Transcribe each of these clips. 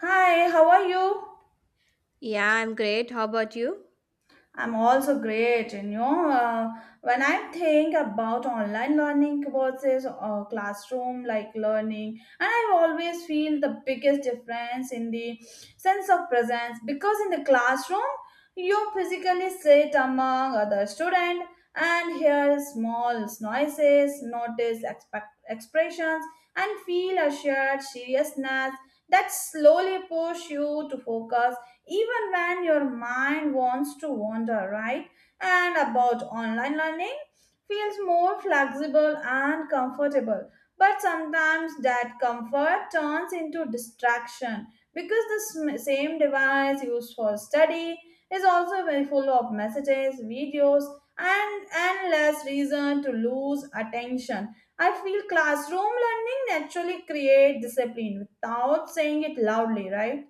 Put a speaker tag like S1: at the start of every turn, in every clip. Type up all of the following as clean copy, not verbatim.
S1: Hi, how are you?
S2: Yeah, I'm great. How about you?
S1: I'm also great. When I think about online learning versus classroom like learning, and I always feel the biggest difference in the sense of presence because in the classroom, you physically sit among other students and hear small noises, notice expressions, and feel a shared seriousness that slowly push you to focus even when your mind wants to wander, right? And about online learning feels more flexible and comfortable. But sometimes that comfort turns into distraction because the same device used for study is also very full of messages, videos, and endless reason to lose attention. I feel classroom learning naturally create discipline without saying it loudly, right?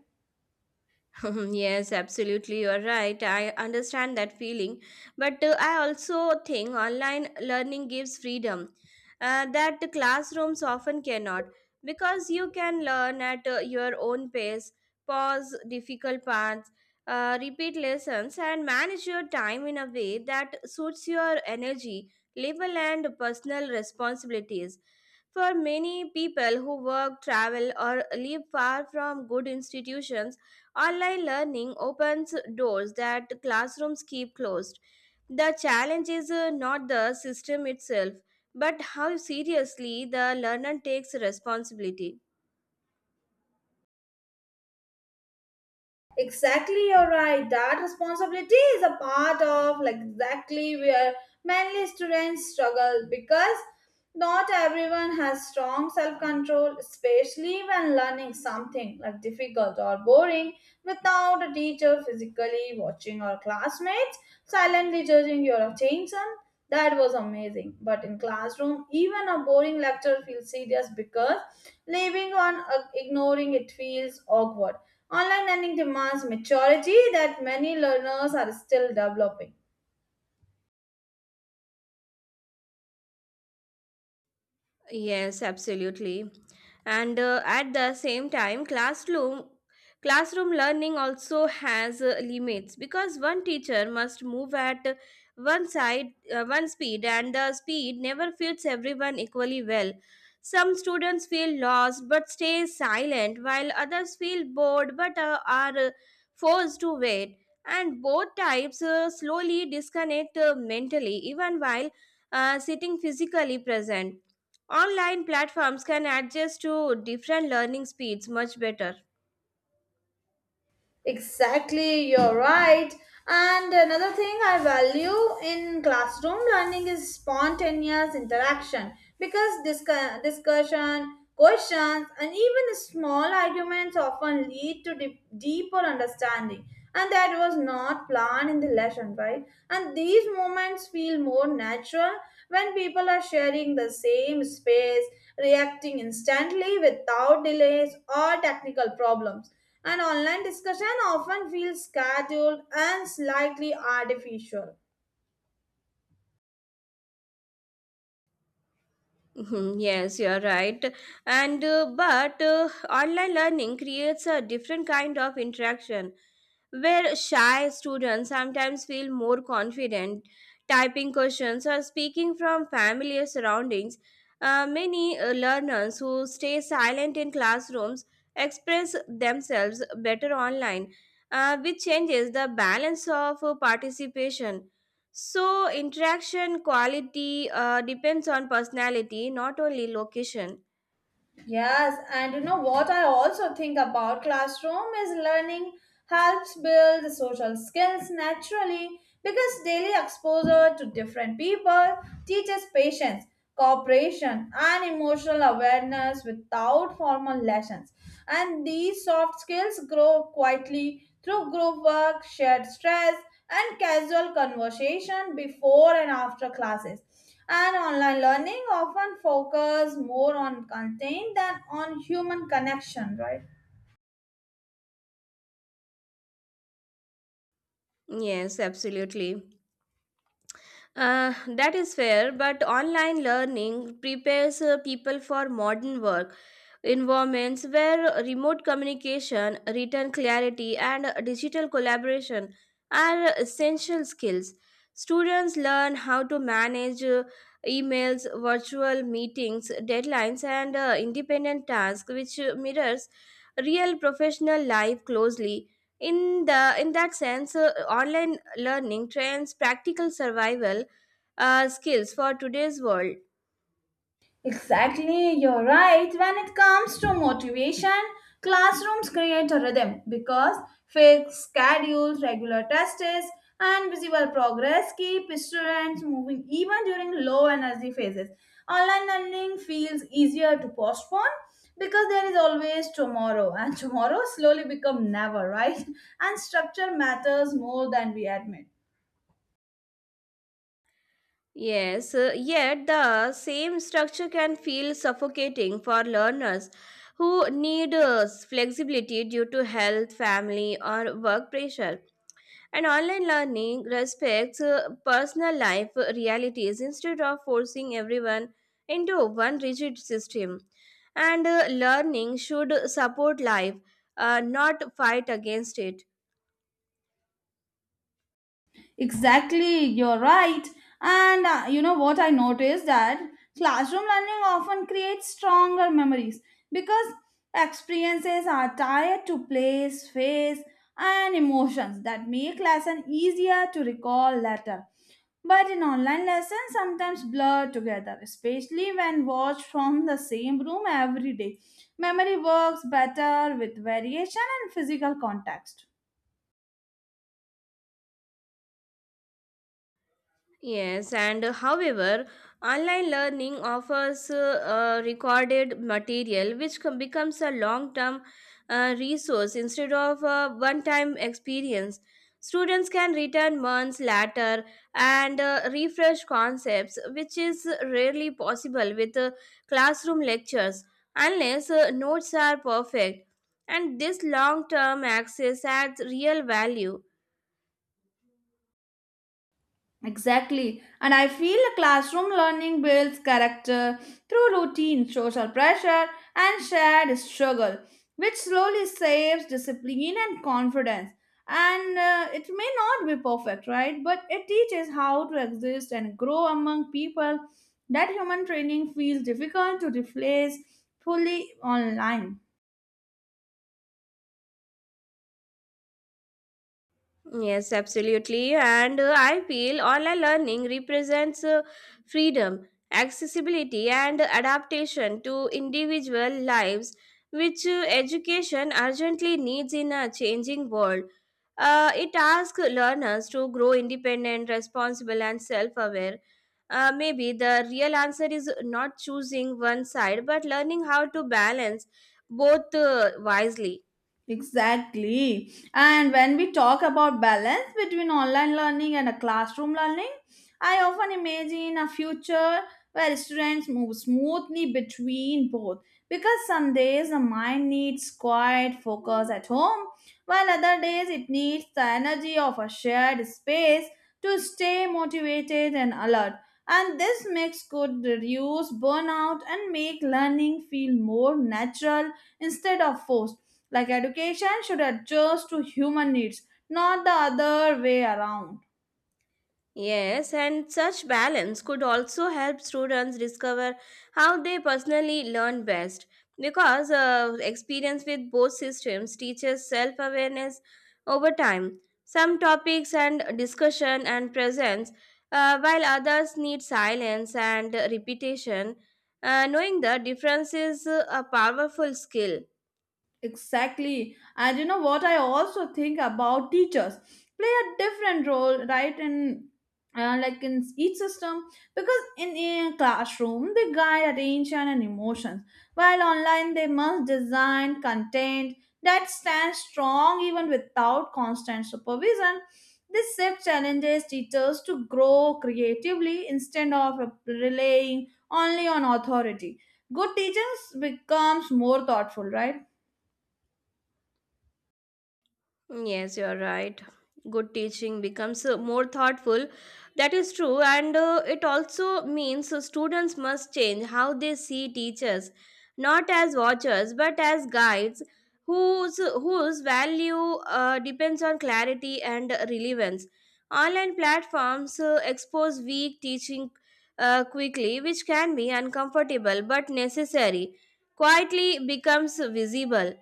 S2: Yes, absolutely. You're right. I understand that feeling. But I also think online learning gives freedom that the classrooms often cannot because you can learn at your own pace, pause difficult parts, repeat lessons, and manage your time in a way that suits your energy, level, and personal responsibilities. For many people who work, travel, or live far from good institutions, online learning opens doors that classrooms keep closed. The challenge is not the system itself, but how seriously the learner takes responsibility.
S1: Exactly, you're right. That responsibility is a part of like exactly where many students struggle because not everyone has strong self-control, especially when learning something like difficult or boring without a teacher physically watching or classmates silently judging your attention. That was amazing. But in classroom, even a boring lecture feels serious because leaving on ignoring it feels awkward online learning demands maturity that many learners are still developing.
S2: Yes, absolutely. And at the same time, classroom learning also has limits because one teacher must move at one speed, and the speed never fits everyone equally well. Some students feel lost but stay silent, while others feel bored but are forced to wait. And both types slowly disconnect mentally, even while sitting physically present. Online platforms can adjust to different learning speeds much better.
S1: Exactly, you're right. And another thing I value in classroom learning is spontaneous interaction because discussion, questions, and even small arguments often lead to deeper understanding. And that was not planned in the lesson, right? And these moments feel more natural when people are sharing the same space, reacting instantly without delays or technical problems and online discussion often feels scheduled and slightly artificial.
S2: Mhm, yes, you're right. And but online learning creates a different kind of interaction where shy students sometimes feel more confident typing questions or speaking from familiar surroundings. Many learners who stay silent in classrooms express themselves better online, which changes the balance of participation. So, interaction quality depends on personality, not only location.
S1: Yes, and you know what I also think about classroom is learning helps build social skills naturally because daily exposure to different people teaches patience, cooperation, and emotional awareness without formal lessons. And these soft skills grow quietly through group work, shared stress, and casual conversation before and after classes. And online learning often focus more on content than on human connection, right?
S2: Yes, absolutely. That is fair, but online learning prepares people for modern work environments where remote communication, written clarity, and digital collaboration are essential skills. Students learn how to manage emails, virtual meetings, deadlines, and independent tasks, which mirrors real professional life closely. In that sense, online learning trains practical survival skills for today's world.
S1: Exactly, you're right. When it comes to motivation, classrooms create a rhythm because fixed schedules, regular tests, and visible progress keep students moving even during low energy phases. Online learning feels easier to postpone because there is always tomorrow, and tomorrow slowly become never, right? And structure matters more than we admit.
S2: Yes, yet the same structure can feel suffocating for learners who need flexibility due to health, family, or work pressure. And online learning respects personal life realities instead of forcing everyone into one rigid system. And learning should support life, not fight against it.
S1: Exactly, you're right. And you know what I noticed that classroom learning often creates stronger memories because experiences are tied to place, face, and emotions that make lesson easier to recall later. But in online lessons, sometimes blur together, especially when watched from the same room every day. Memory works better with variation and physical context.
S2: Yes, and however, online learning offers recorded material which becomes a long term resource instead of a one time experience. Students can return months later and refresh concepts, which is rarely possible with classroom lectures unless notes are perfect. And this long term access adds real value.
S1: Exactly. And I feel classroom learning builds character through routine, social pressure, and shared struggle, which slowly saves discipline and confidence. And it may not be perfect, right? But it teaches how to exist and grow among people. That human training feels difficult to replace fully online.
S2: Yes, absolutely. And I feel online learning represents freedom, accessibility, and adaptation to individual lives, which education urgently needs in a changing world. It asks learners to grow independent, responsible, and self aware. Maybe the real answer is not choosing one side, but learning how to balance both wisely.
S1: Exactly. And when we talk about balance between online learning and a classroom learning, I often imagine a future where students move smoothly between both because some days the mind needs quiet focus at home while other days it needs the energy of a shared space to stay motivated and alert. And this mix could reduce burnout and make learning feel more natural instead of forced like education should adjust to human needs, not the other way around.
S2: Yes, and such balance could also help students discover how they personally learn best because experience with both systems teaches self awareness over time. Some topics and discussion and presence, while others need silence and repetition. Knowing the difference is a powerful skill.
S1: Exactly. And you know what I also think about teachers play a different role, right? In like in each system, because in a classroom they guide attention and emotions, while online they must design content that stands strong even without constant supervision. This shift challenges teachers to grow creatively instead of relying only on authority. Good teachers becomes more thoughtful, right?
S2: Yes, you are right. Good teaching becomes more thoughtful. That is true, and it also means students must change how they see teachers, not as watchers but as guides whose value depends on clarity and relevance. Online platforms expose weak teaching quickly, which can be uncomfortable but necessary. Quietly becomes visible.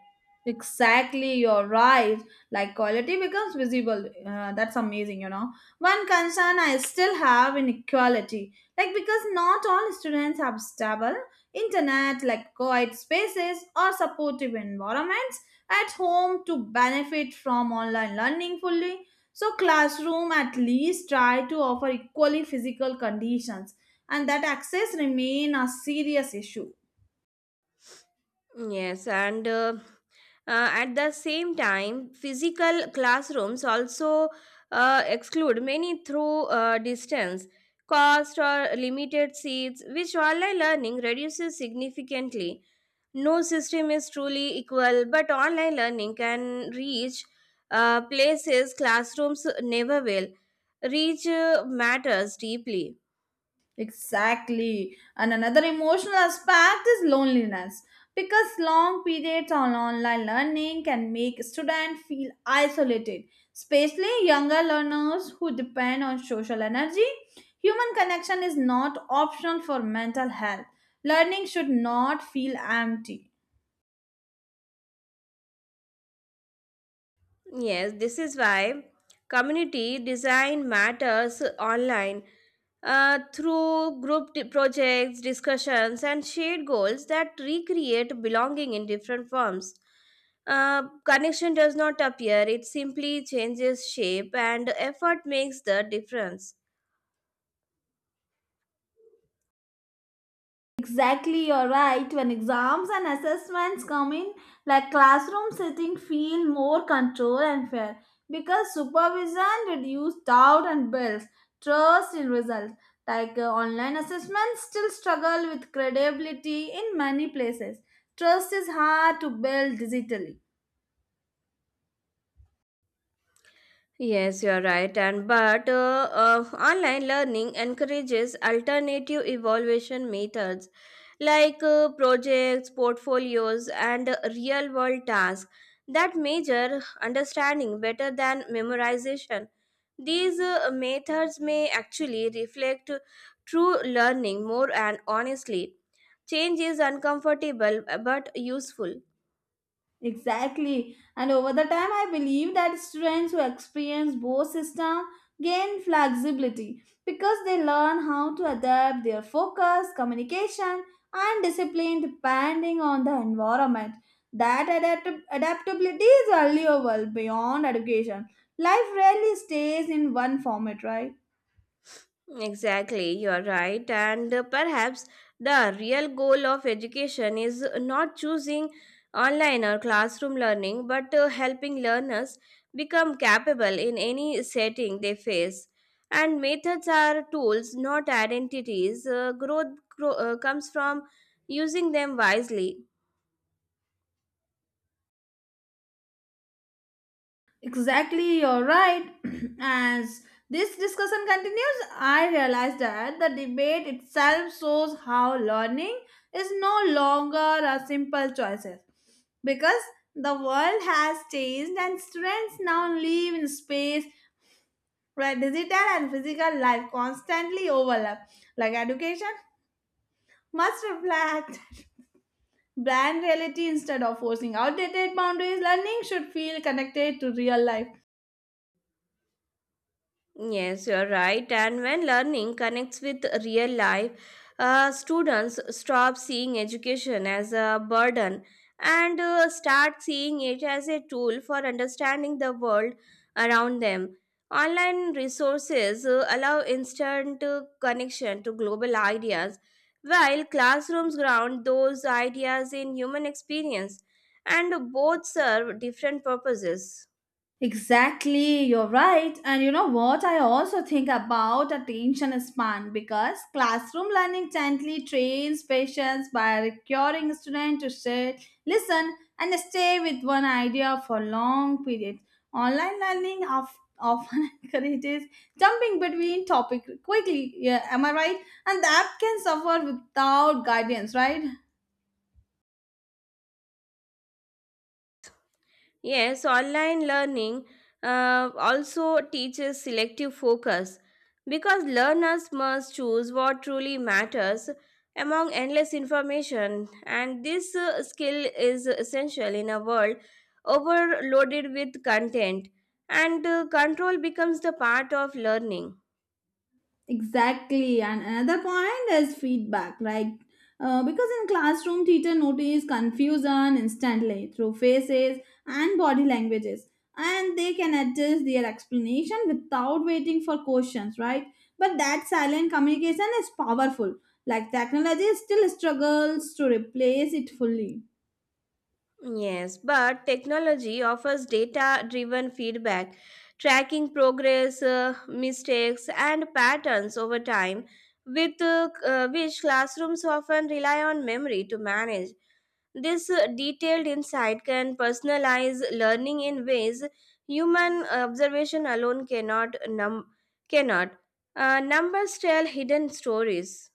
S1: Exactly, you're right. Like quality becomes visible. That's amazing, you know. One concern I still have inequality, like because not all students have stable internet, like co-ed spaces or supportive environments at home to benefit from online learning fully. So classroom at least try to offer equally physical conditions, and that access remain a serious issue.
S2: Yes, and at the same time, physical classrooms also exclude many through distance, cost, or limited seats, which online learning reduces significantly. No system is truly equal, but online learning can reach places classrooms never will. Reach matters deeply.
S1: Exactly. And another emotional aspect is loneliness because long periods on online learning can make students feel isolated, especially younger learners who depend on social energy. Human connection is not optional for mental health. Learning should not feel empty.
S2: Yes, this is why community design matters online through group projects, discussions, and shared goals that recreate belonging in different forms. Connection does not appear, it simply changes shape, and effort makes the difference.
S1: Exactly, you're right. When exams and assessments come in, like classroom setting feel more control and fair because supervision reduces doubt and builds trust in results. Online assessments still struggle with credibility in many places. Trust is hard to build digitally.
S2: Yes, you are right. And but online learning encourages alternative evaluation methods like projects, portfolios, and real world tasks that measure understanding better than memorization. These methods may actually reflect true learning more and honestly. Change is uncomfortable but useful.
S1: Exactly. And over the time, I believe that students who experience both systems gain flexibility because they learn how to adapt their focus, communication, and discipline depending on the environment. That adaptability is valuable beyond education. Life rarely stays in one format, right?
S2: Exactly, you are right. And perhaps the real goal of education is not choosing online or classroom learning, but helping learners become capable in any setting they face. And methods are tools, not identities. Growth comes from using them wisely.
S1: Exactly, you're right. As this discussion continues, I realize that the debate itself shows how learning is no longer a simple choices because the world has changed and students now live in space where digital and physical life constantly overlap. Like education must reflect brand reality instead of forcing outdated boundaries. Learning should feel connected to real life.
S2: Yes, you're right. And when learning connects with real life, students stop seeing education as a burden and start seeing it as a tool for understanding the world around them. Online resources allow instant connection to global ideas, while classrooms ground those ideas in human experience, and both serve different purposes.
S1: Exactly, you're right. And you know what? I also think about attention span because classroom learning gently trains patients by requiring students to sit, listen, and stay with one idea for long periods. Online learning often encourages jumping between topics quickly. Yeah, am I right? And the app can suffer without guidance, right?
S2: Yes, online learning also teaches selective focus because learners must choose what truly matters among endless information, and this skill is essential in a world overloaded with content, and control becomes the part of learning.
S1: Exactly. And another point is feedback, right? Because in classroom, teacher notice confusion instantly through faces and body languages, and they can adjust their explanation without waiting for questions, right? But that silent communication is powerful. Like technology still struggles to replace it fully.
S2: Yes, but technology offers data driven feedback, tracking progress, mistakes, and patterns over time, with which classrooms often rely on memory to manage. This detailed insight can personalize learning in ways human observation alone cannot. Numbers tell hidden stories.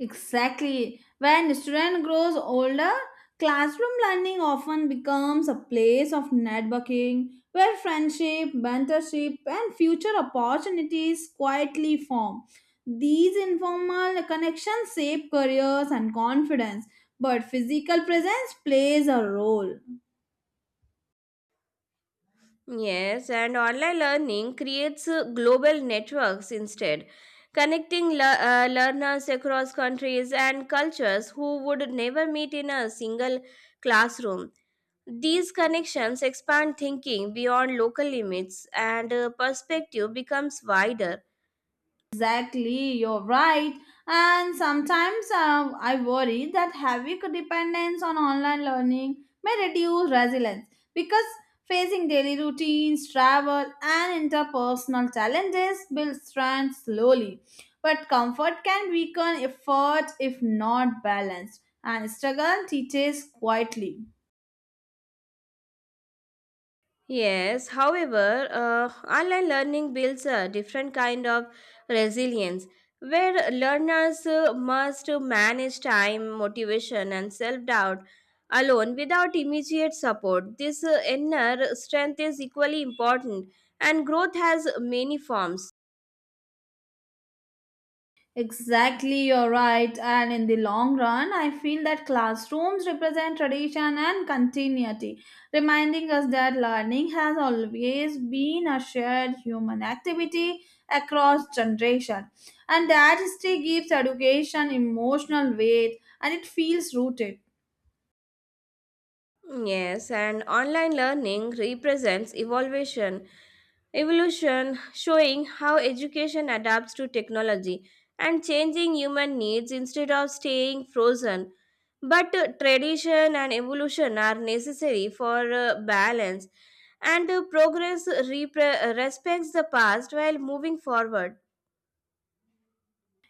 S1: Exactly. When student grows older, classroom learning often becomes a place of networking where friendship, mentorship, and future opportunities quietly form. These informal connections shape careers and confidence, but physical presence plays a role.
S2: Yes, and online learning creates global networks instead, connecting learners across countries and cultures who would never meet in a single classroom. These connections expand thinking beyond local limits, and perspective becomes wider.
S1: Exactly, you're right. And sometimes I worry that heavy dependence on online learning may reduce resilience because facing daily routines, travel, and interpersonal challenges builds strength slowly. But comfort can weaken effort if not balanced, and struggle teaches quietly.
S2: Yes, however, online learning builds a different kind of resilience where learners must manage time, motivation, and self doubt alone without immediate support. This inner strength is equally important, and growth has many forms.
S1: Exactly, you're right. And in the long run, I feel that classrooms represent tradition and continuity, reminding us that learning has always been a shared human activity across generation, and that history gives education emotional weight and it feels rooted.
S2: Yes, and online learning represents evolution, showing how education adapts to technology and changing human needs instead of staying frozen. But tradition and evolution are necessary for balance, and progress respects the past while moving forward.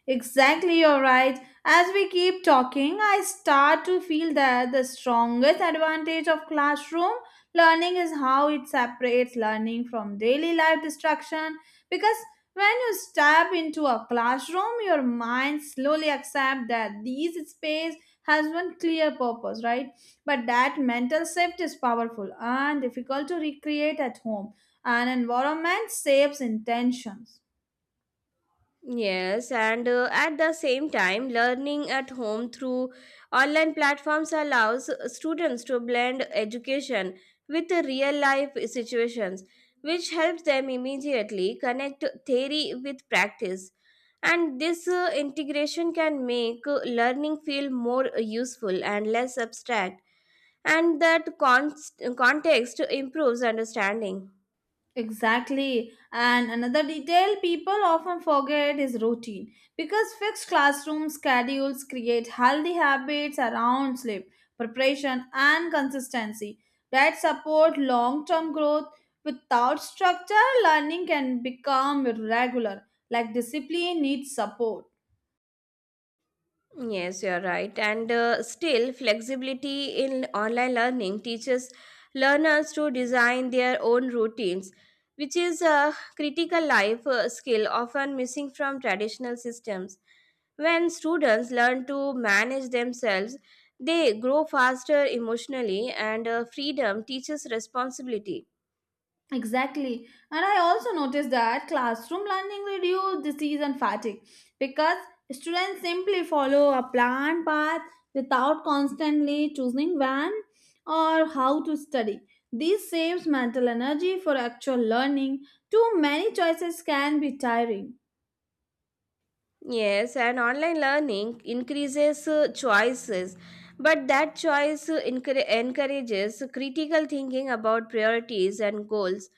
S1: Exactly, you're right. As we keep talking, I start to feel that the strongest advantage of classroom learning is how it separates learning from daily life distraction. Because when you step into a classroom, your mind slowly accepts that this space has one clear purpose, right? But that mental shift is powerful and difficult to recreate at home. An environment shapes intentions.
S2: Yes, and at the same time, learning at home through online platforms allows students to blend education with the real life situations, which helps them immediately connect theory with practice. And this integration can make learning feel more useful and less abstract, and that context improves understanding.
S1: Exactly. And another detail people often forget is routine because fixed classroom schedules create healthy habits around sleep, preparation, and consistency that support long term growth. Without structure, learning can become irregular, like discipline needs support.
S2: Yes, you're right. And still, flexibility in online learning teaches learners to design their own routines, which is a critical life skill often missing from traditional systems. When students learn to manage themselves, they grow faster emotionally, and freedom teaches responsibility.
S1: Exactly. And I also noticed that classroom learning reduced disease and fatigue because students simply follow a planned path without constantly choosing when or how to study. This saves mental energy for actual learning. Too many choices can be tiring.
S2: Yes, and online learning increases choices, but that choice encourages critical thinking about priorities and goals.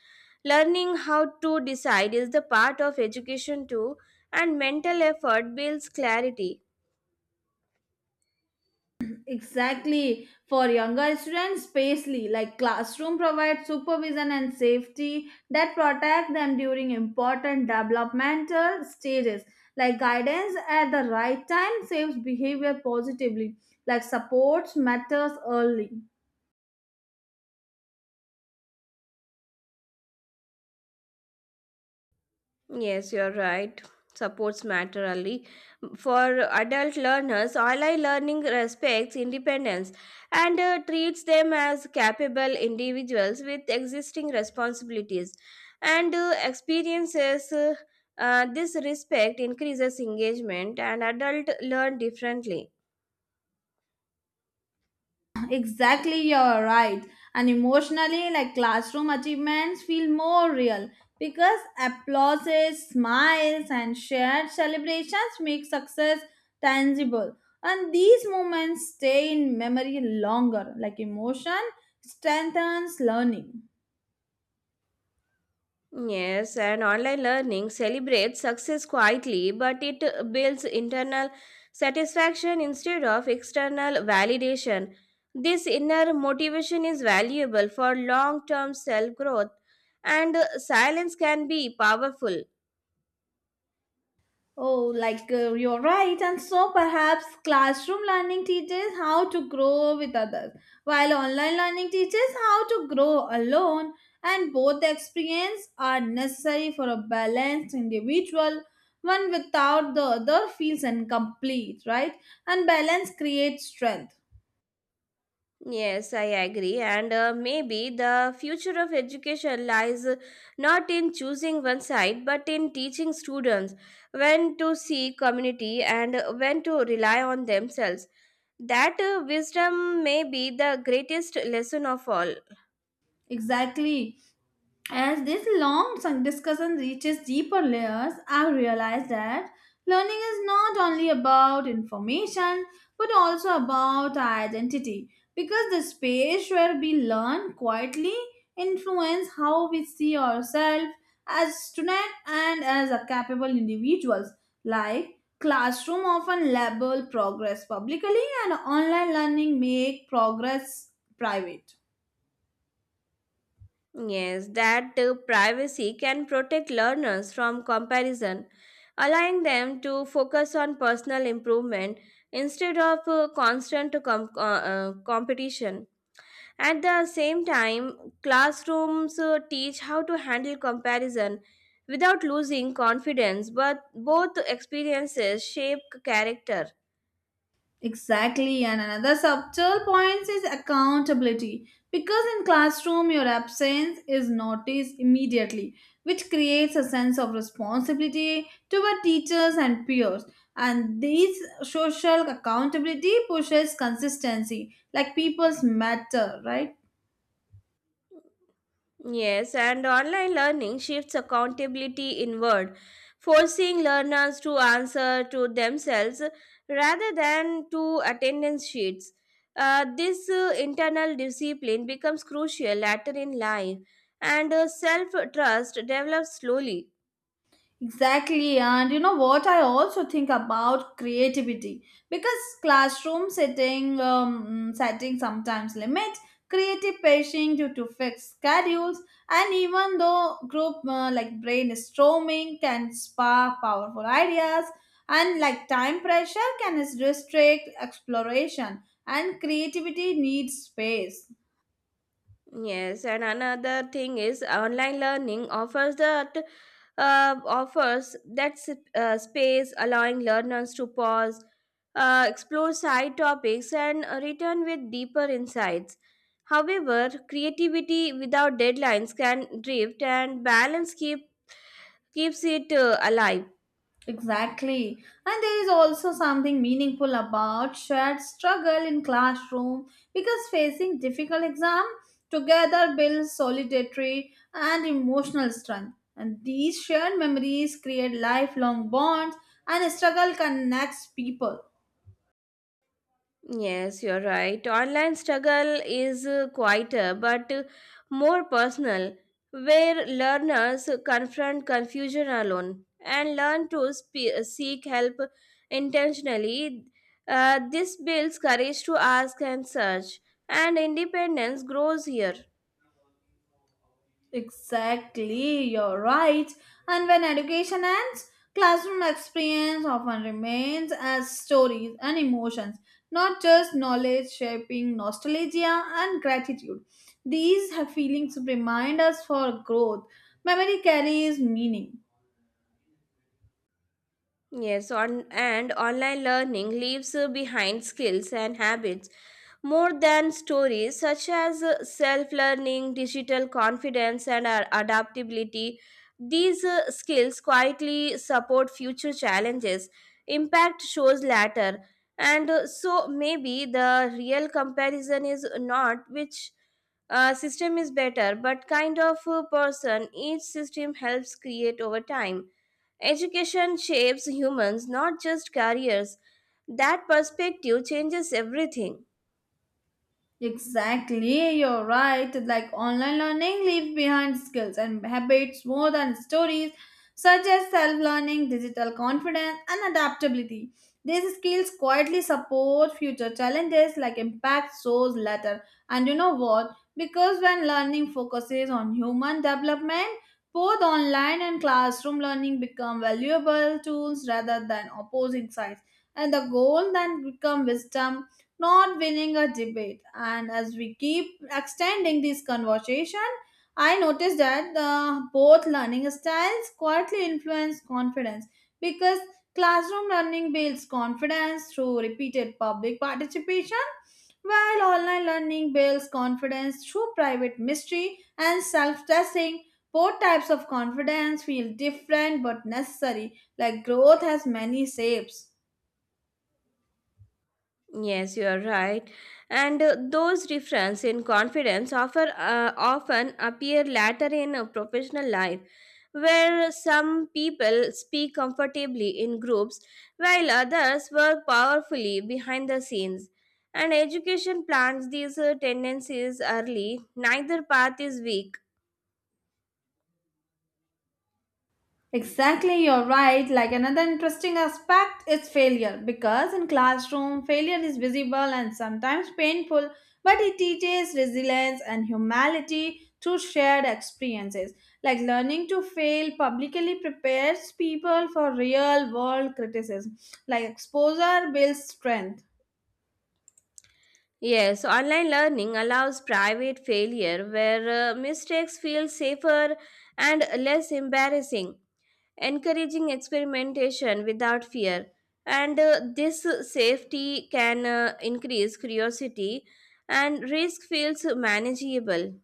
S2: Learning how to decide is the part of education too, and mental effort builds clarity.
S1: Exactly. For younger students, spacely, like classroom provides supervision and safety that protect them during important developmental stages. Like guidance at the right time saves behavior positively. Like supports matters early.
S2: Yes, you're right. Supports matter only. For adult learners, online learning respects independence and treats them as capable individuals with existing responsibilities and experiences. This respect increases engagement, and adults learn differently.
S1: Exactly, you're right. And emotionally, like classroom achievements feel more real because applauses, smiles, and shared celebrations make success tangible. And these moments stay in memory longer, like emotion strengthens learning.
S2: Yes, and online learning celebrates success quietly, but it builds internal satisfaction instead of external validation. This inner motivation is valuable for long term self growth, and silence can be powerful.
S1: Oh, you're right. And so perhaps classroom learning teaches how to grow with others, while online learning teaches how to grow alone. And both the experience are necessary for a balanced individual. One without the other feels incomplete, right? And balance creates strength.
S2: Yes, I agree. And maybe the future of education lies not in choosing one side, but in teaching students when to seek community and when to rely on themselves. That wisdom may be the greatest lesson of all.
S1: Exactly. As this long discussion reaches deeper layers, I realize that learning is not only about information but also about identity because the space where we learn quietly influence how we see ourselves as students and as a capable individuals like classroom often label progress publicly and online learning make progress private.
S2: Yes, that privacy can protect learners from comparison, allowing them to focus on personal improvement instead of constant competition. At the same time, classrooms teach how to handle comparison without losing confidence, but both experiences shape character.
S1: Exactly, and another subtle point is accountability. Because in classroom, your absence is noticed immediately, which creates a sense of responsibility toward teachers and peers. And these social accountability pushes consistency, like people's matter, right?
S2: Yes, and online learning shifts accountability inward, forcing learners to answer to themselves rather than to attendance sheets. This internal discipline becomes crucial later in life, and self trust develops slowly.
S1: Exactly, and you know what I also think about creativity because classroom setting sometimes limits creative patient due to fixed schedules, and even though group like brainstorming can spark powerful ideas, and like time pressure can restrict exploration, and creativity needs space.
S2: Yes, and another thing is online learning offers that space, allowing learners to pause, explore side topics, and return with deeper insights. However, creativity without deadlines can drift, and balance keeps it alive.
S1: Exactly. And there is also something meaningful about shared struggle in classroom because facing difficult exam together builds solidarity and emotional strength. And these shared memories create lifelong bonds and struggle connects people.
S2: Yes, you're right. Online struggle is quieter but more personal, where learners confront confusion alone and learn to seek help intentionally. This builds courage to ask and search, and independence grows here.
S1: Exactly, you're right. And when education ends, classroom experience often remains as stories and emotions, not just knowledge shaping nostalgia and gratitude. These feelings remind us for growth. Memory carries meaning.
S2: Yes, and online learning leaves behind skills and habits more than stories, such as self learning, digital confidence, and adaptability. These skills quietly support future challenges. Impact shows latter. And so maybe the real comparison is not which system is better, but kind of person each system helps create over time. Education shapes humans, not just careers. That perspective changes everything.
S1: Exactly, you're right. Like online learning leaves behind skills and habits more than stories, such as self learning, digital confidence, and adaptability. These skills quietly support future challenges like impact shows later. And you know what? Because when learning focuses on human development, both online and classroom learning become valuable tools rather than opposing sides. And the goal then become wisdom not winning a debate. And as we keep extending this conversation, I noticed that the both learning styles quietly influence confidence because classroom learning builds confidence through repeated public participation, while online learning builds confidence through private mystery and self-testing. Both types of confidence feel different but necessary, like growth has many shapes.
S2: Yes, you are right. And those difference in confidence often appear later in a professional life, where some people speak comfortably in groups while others work powerfully behind the scenes. And education plants these tendencies early. Neither path is weak.
S1: Exactly, you're right. Like another interesting aspect is failure because in classroom failure is visible and sometimes painful, but it teaches resilience and humility through shared experiences. Like learning to fail publicly prepares people for real world criticism. Like exposure builds strength.
S2: Yes, so online learning allows private failure where mistakes feel safer and less embarrassing, encouraging experimentation without fear. And this safety can increase curiosity, and risk feels manageable.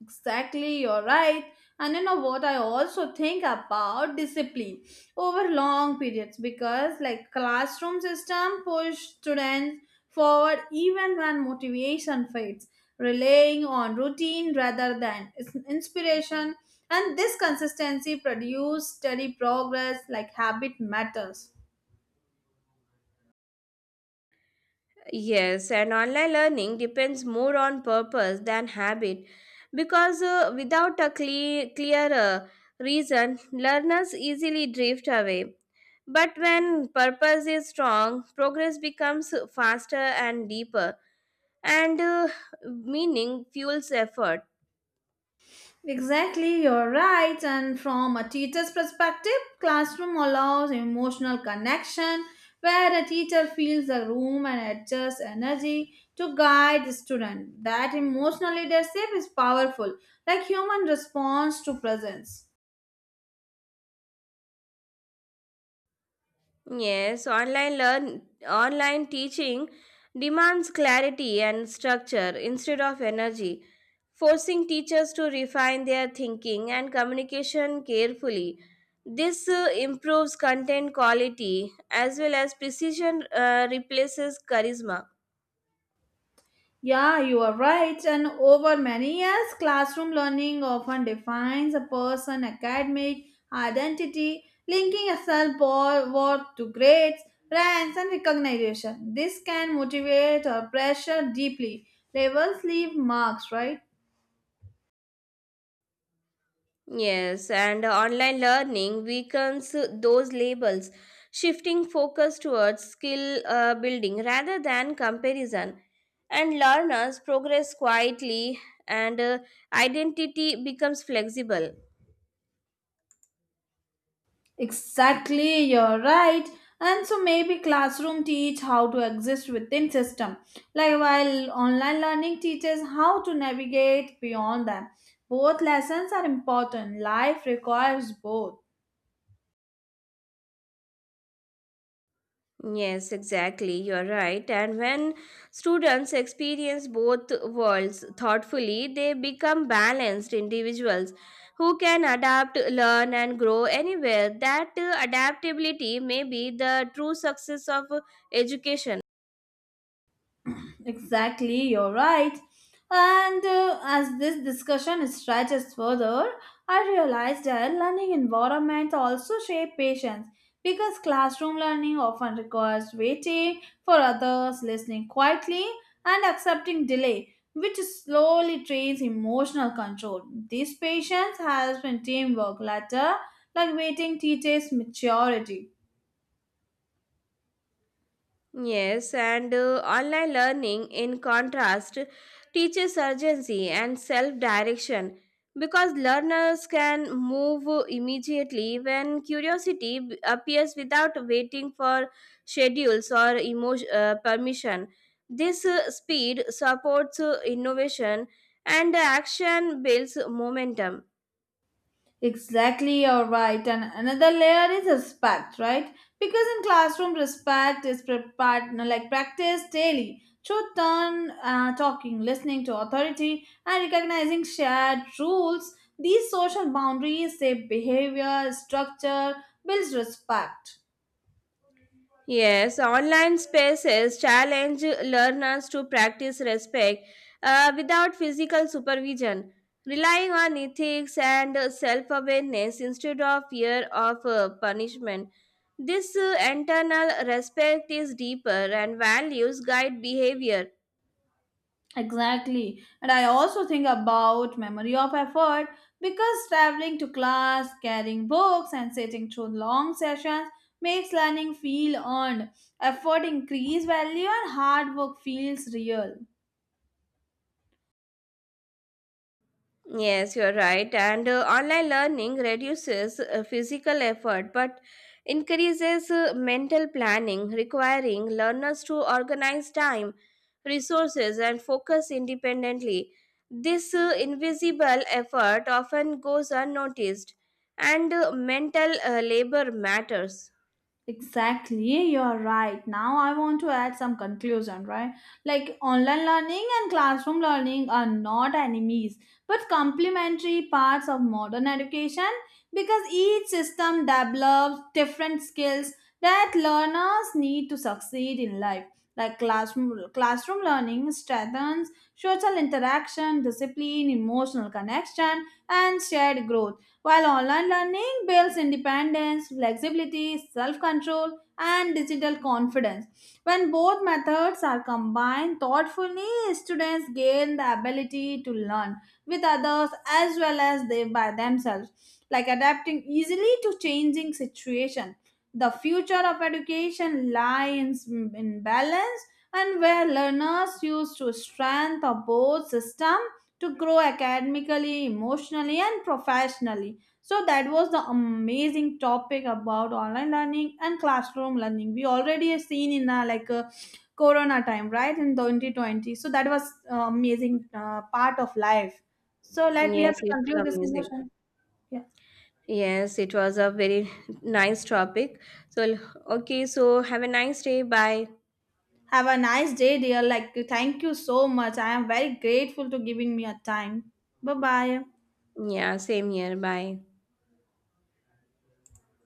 S1: Exactly, you're right. And you know what I also think about discipline over long periods because like classroom system push students forward even when motivation fades, relying on routine rather than inspiration. And this consistency produce steady progress like habit matters.
S2: Yes, and online learning depends more on purpose than habit because without a clear reason, learners easily drift away. But when purpose is strong, progress becomes faster and deeper, and meaning fuels effort.
S1: Exactly, you're right. And from a teacher's perspective, classroom allows emotional connection where a teacher feels the room and adjusts energy to guide the student. That emotional leadership is powerful, like human response to presence.
S2: Yes, online teaching demands clarity and structure instead of energy, forcing teachers to refine their thinking and communication carefully. This improves content quality as well as precision replaces charisma.
S1: Yeah, you are right. And over many years, classroom learning often defines a person's academic identity, linking a self worth to grades, ranks, and recognition. This can motivate or pressure deeply. Labels leave marks, right?
S2: Yes, and online learning weakens those labels, shifting focus towards skill building rather than comparison. And learners progress quietly, and identity becomes flexible.
S1: Exactly, you're right. And so maybe classroom teach how to exist within system, like while online learning teaches how to navigate beyond them. Both lessons are important. Life requires both.
S2: Yes, exactly. You're right. And when students experience both worlds thoughtfully, they become balanced individuals who can adapt, learn, and grow anywhere. That adaptability may be the true success of education.
S1: Exactly, you're right. And as this discussion stretches further, I realized that learning environments also shape patience because classroom learning often requires waiting for others, listening quietly, and accepting delay, which slowly trains emotional control. This patience has been teamwork later, like waiting teaches maturity.
S2: Yes, and online learning, in contrast, teaches urgency and self direction because learners can move immediately when curiosity appears without waiting for schedules or emotion, permission. This speed supports innovation, and action builds momentum.
S1: Exactly, you're right. And another layer is respect, right? Because in classroom, respect is prepared, like practiced daily through turn talking, listening to authority, and recognizing shared rules. These social boundaries shape behavior, structure, builds respect.
S2: Yes, online spaces challenge learners to practice respect without physical supervision, relying on ethics and self awareness instead of fear of punishment. This internal respect is deeper, and values guide behavior.
S1: Exactly. And I also think about memory of effort because traveling to class, carrying books, and sitting through long sessions makes learning feel earned. Effort increase value and hard work feels real.
S2: Yes, you're right. And online learning reduces physical effort but increases mental planning, requiring learners to organize time, resources, and focus independently. This invisible effort often goes unnoticed, and mental labor matters.
S1: Exactly, you're right. Now I want to add some conclusion, right? Like online learning and classroom learning are not enemies, but complementary parts of modern education because each system develops different skills that learners need to succeed in life. Like classroom learning strengthens social interaction, discipline, emotional connection, and shared growth while online learning builds independence, flexibility, self control, and digital confidence. When both methods are combined thoughtfully, students gain the ability to learn with others as well as they by themselves, like adapting easily to changing situations. The future of education lies in balance and where learners use to strength of both system to grow academically, emotionally, and professionally. So, that was the amazing topic about online learning and classroom learning. We already have seen in a, like a corona time, right, in 2020. So, that was amazing part of life. So, let we have
S2: Yes,
S1: to
S2: it's
S1: conclude this
S2: amazing.
S1: conversation. Yeah.
S2: Yes, it was a very nice topic. So, okay, so have a nice day. Bye.
S1: Have a nice day, dear. Like, thank you so much. I am very grateful to giving me a time. Bye bye.
S2: Yeah, same here. Bye.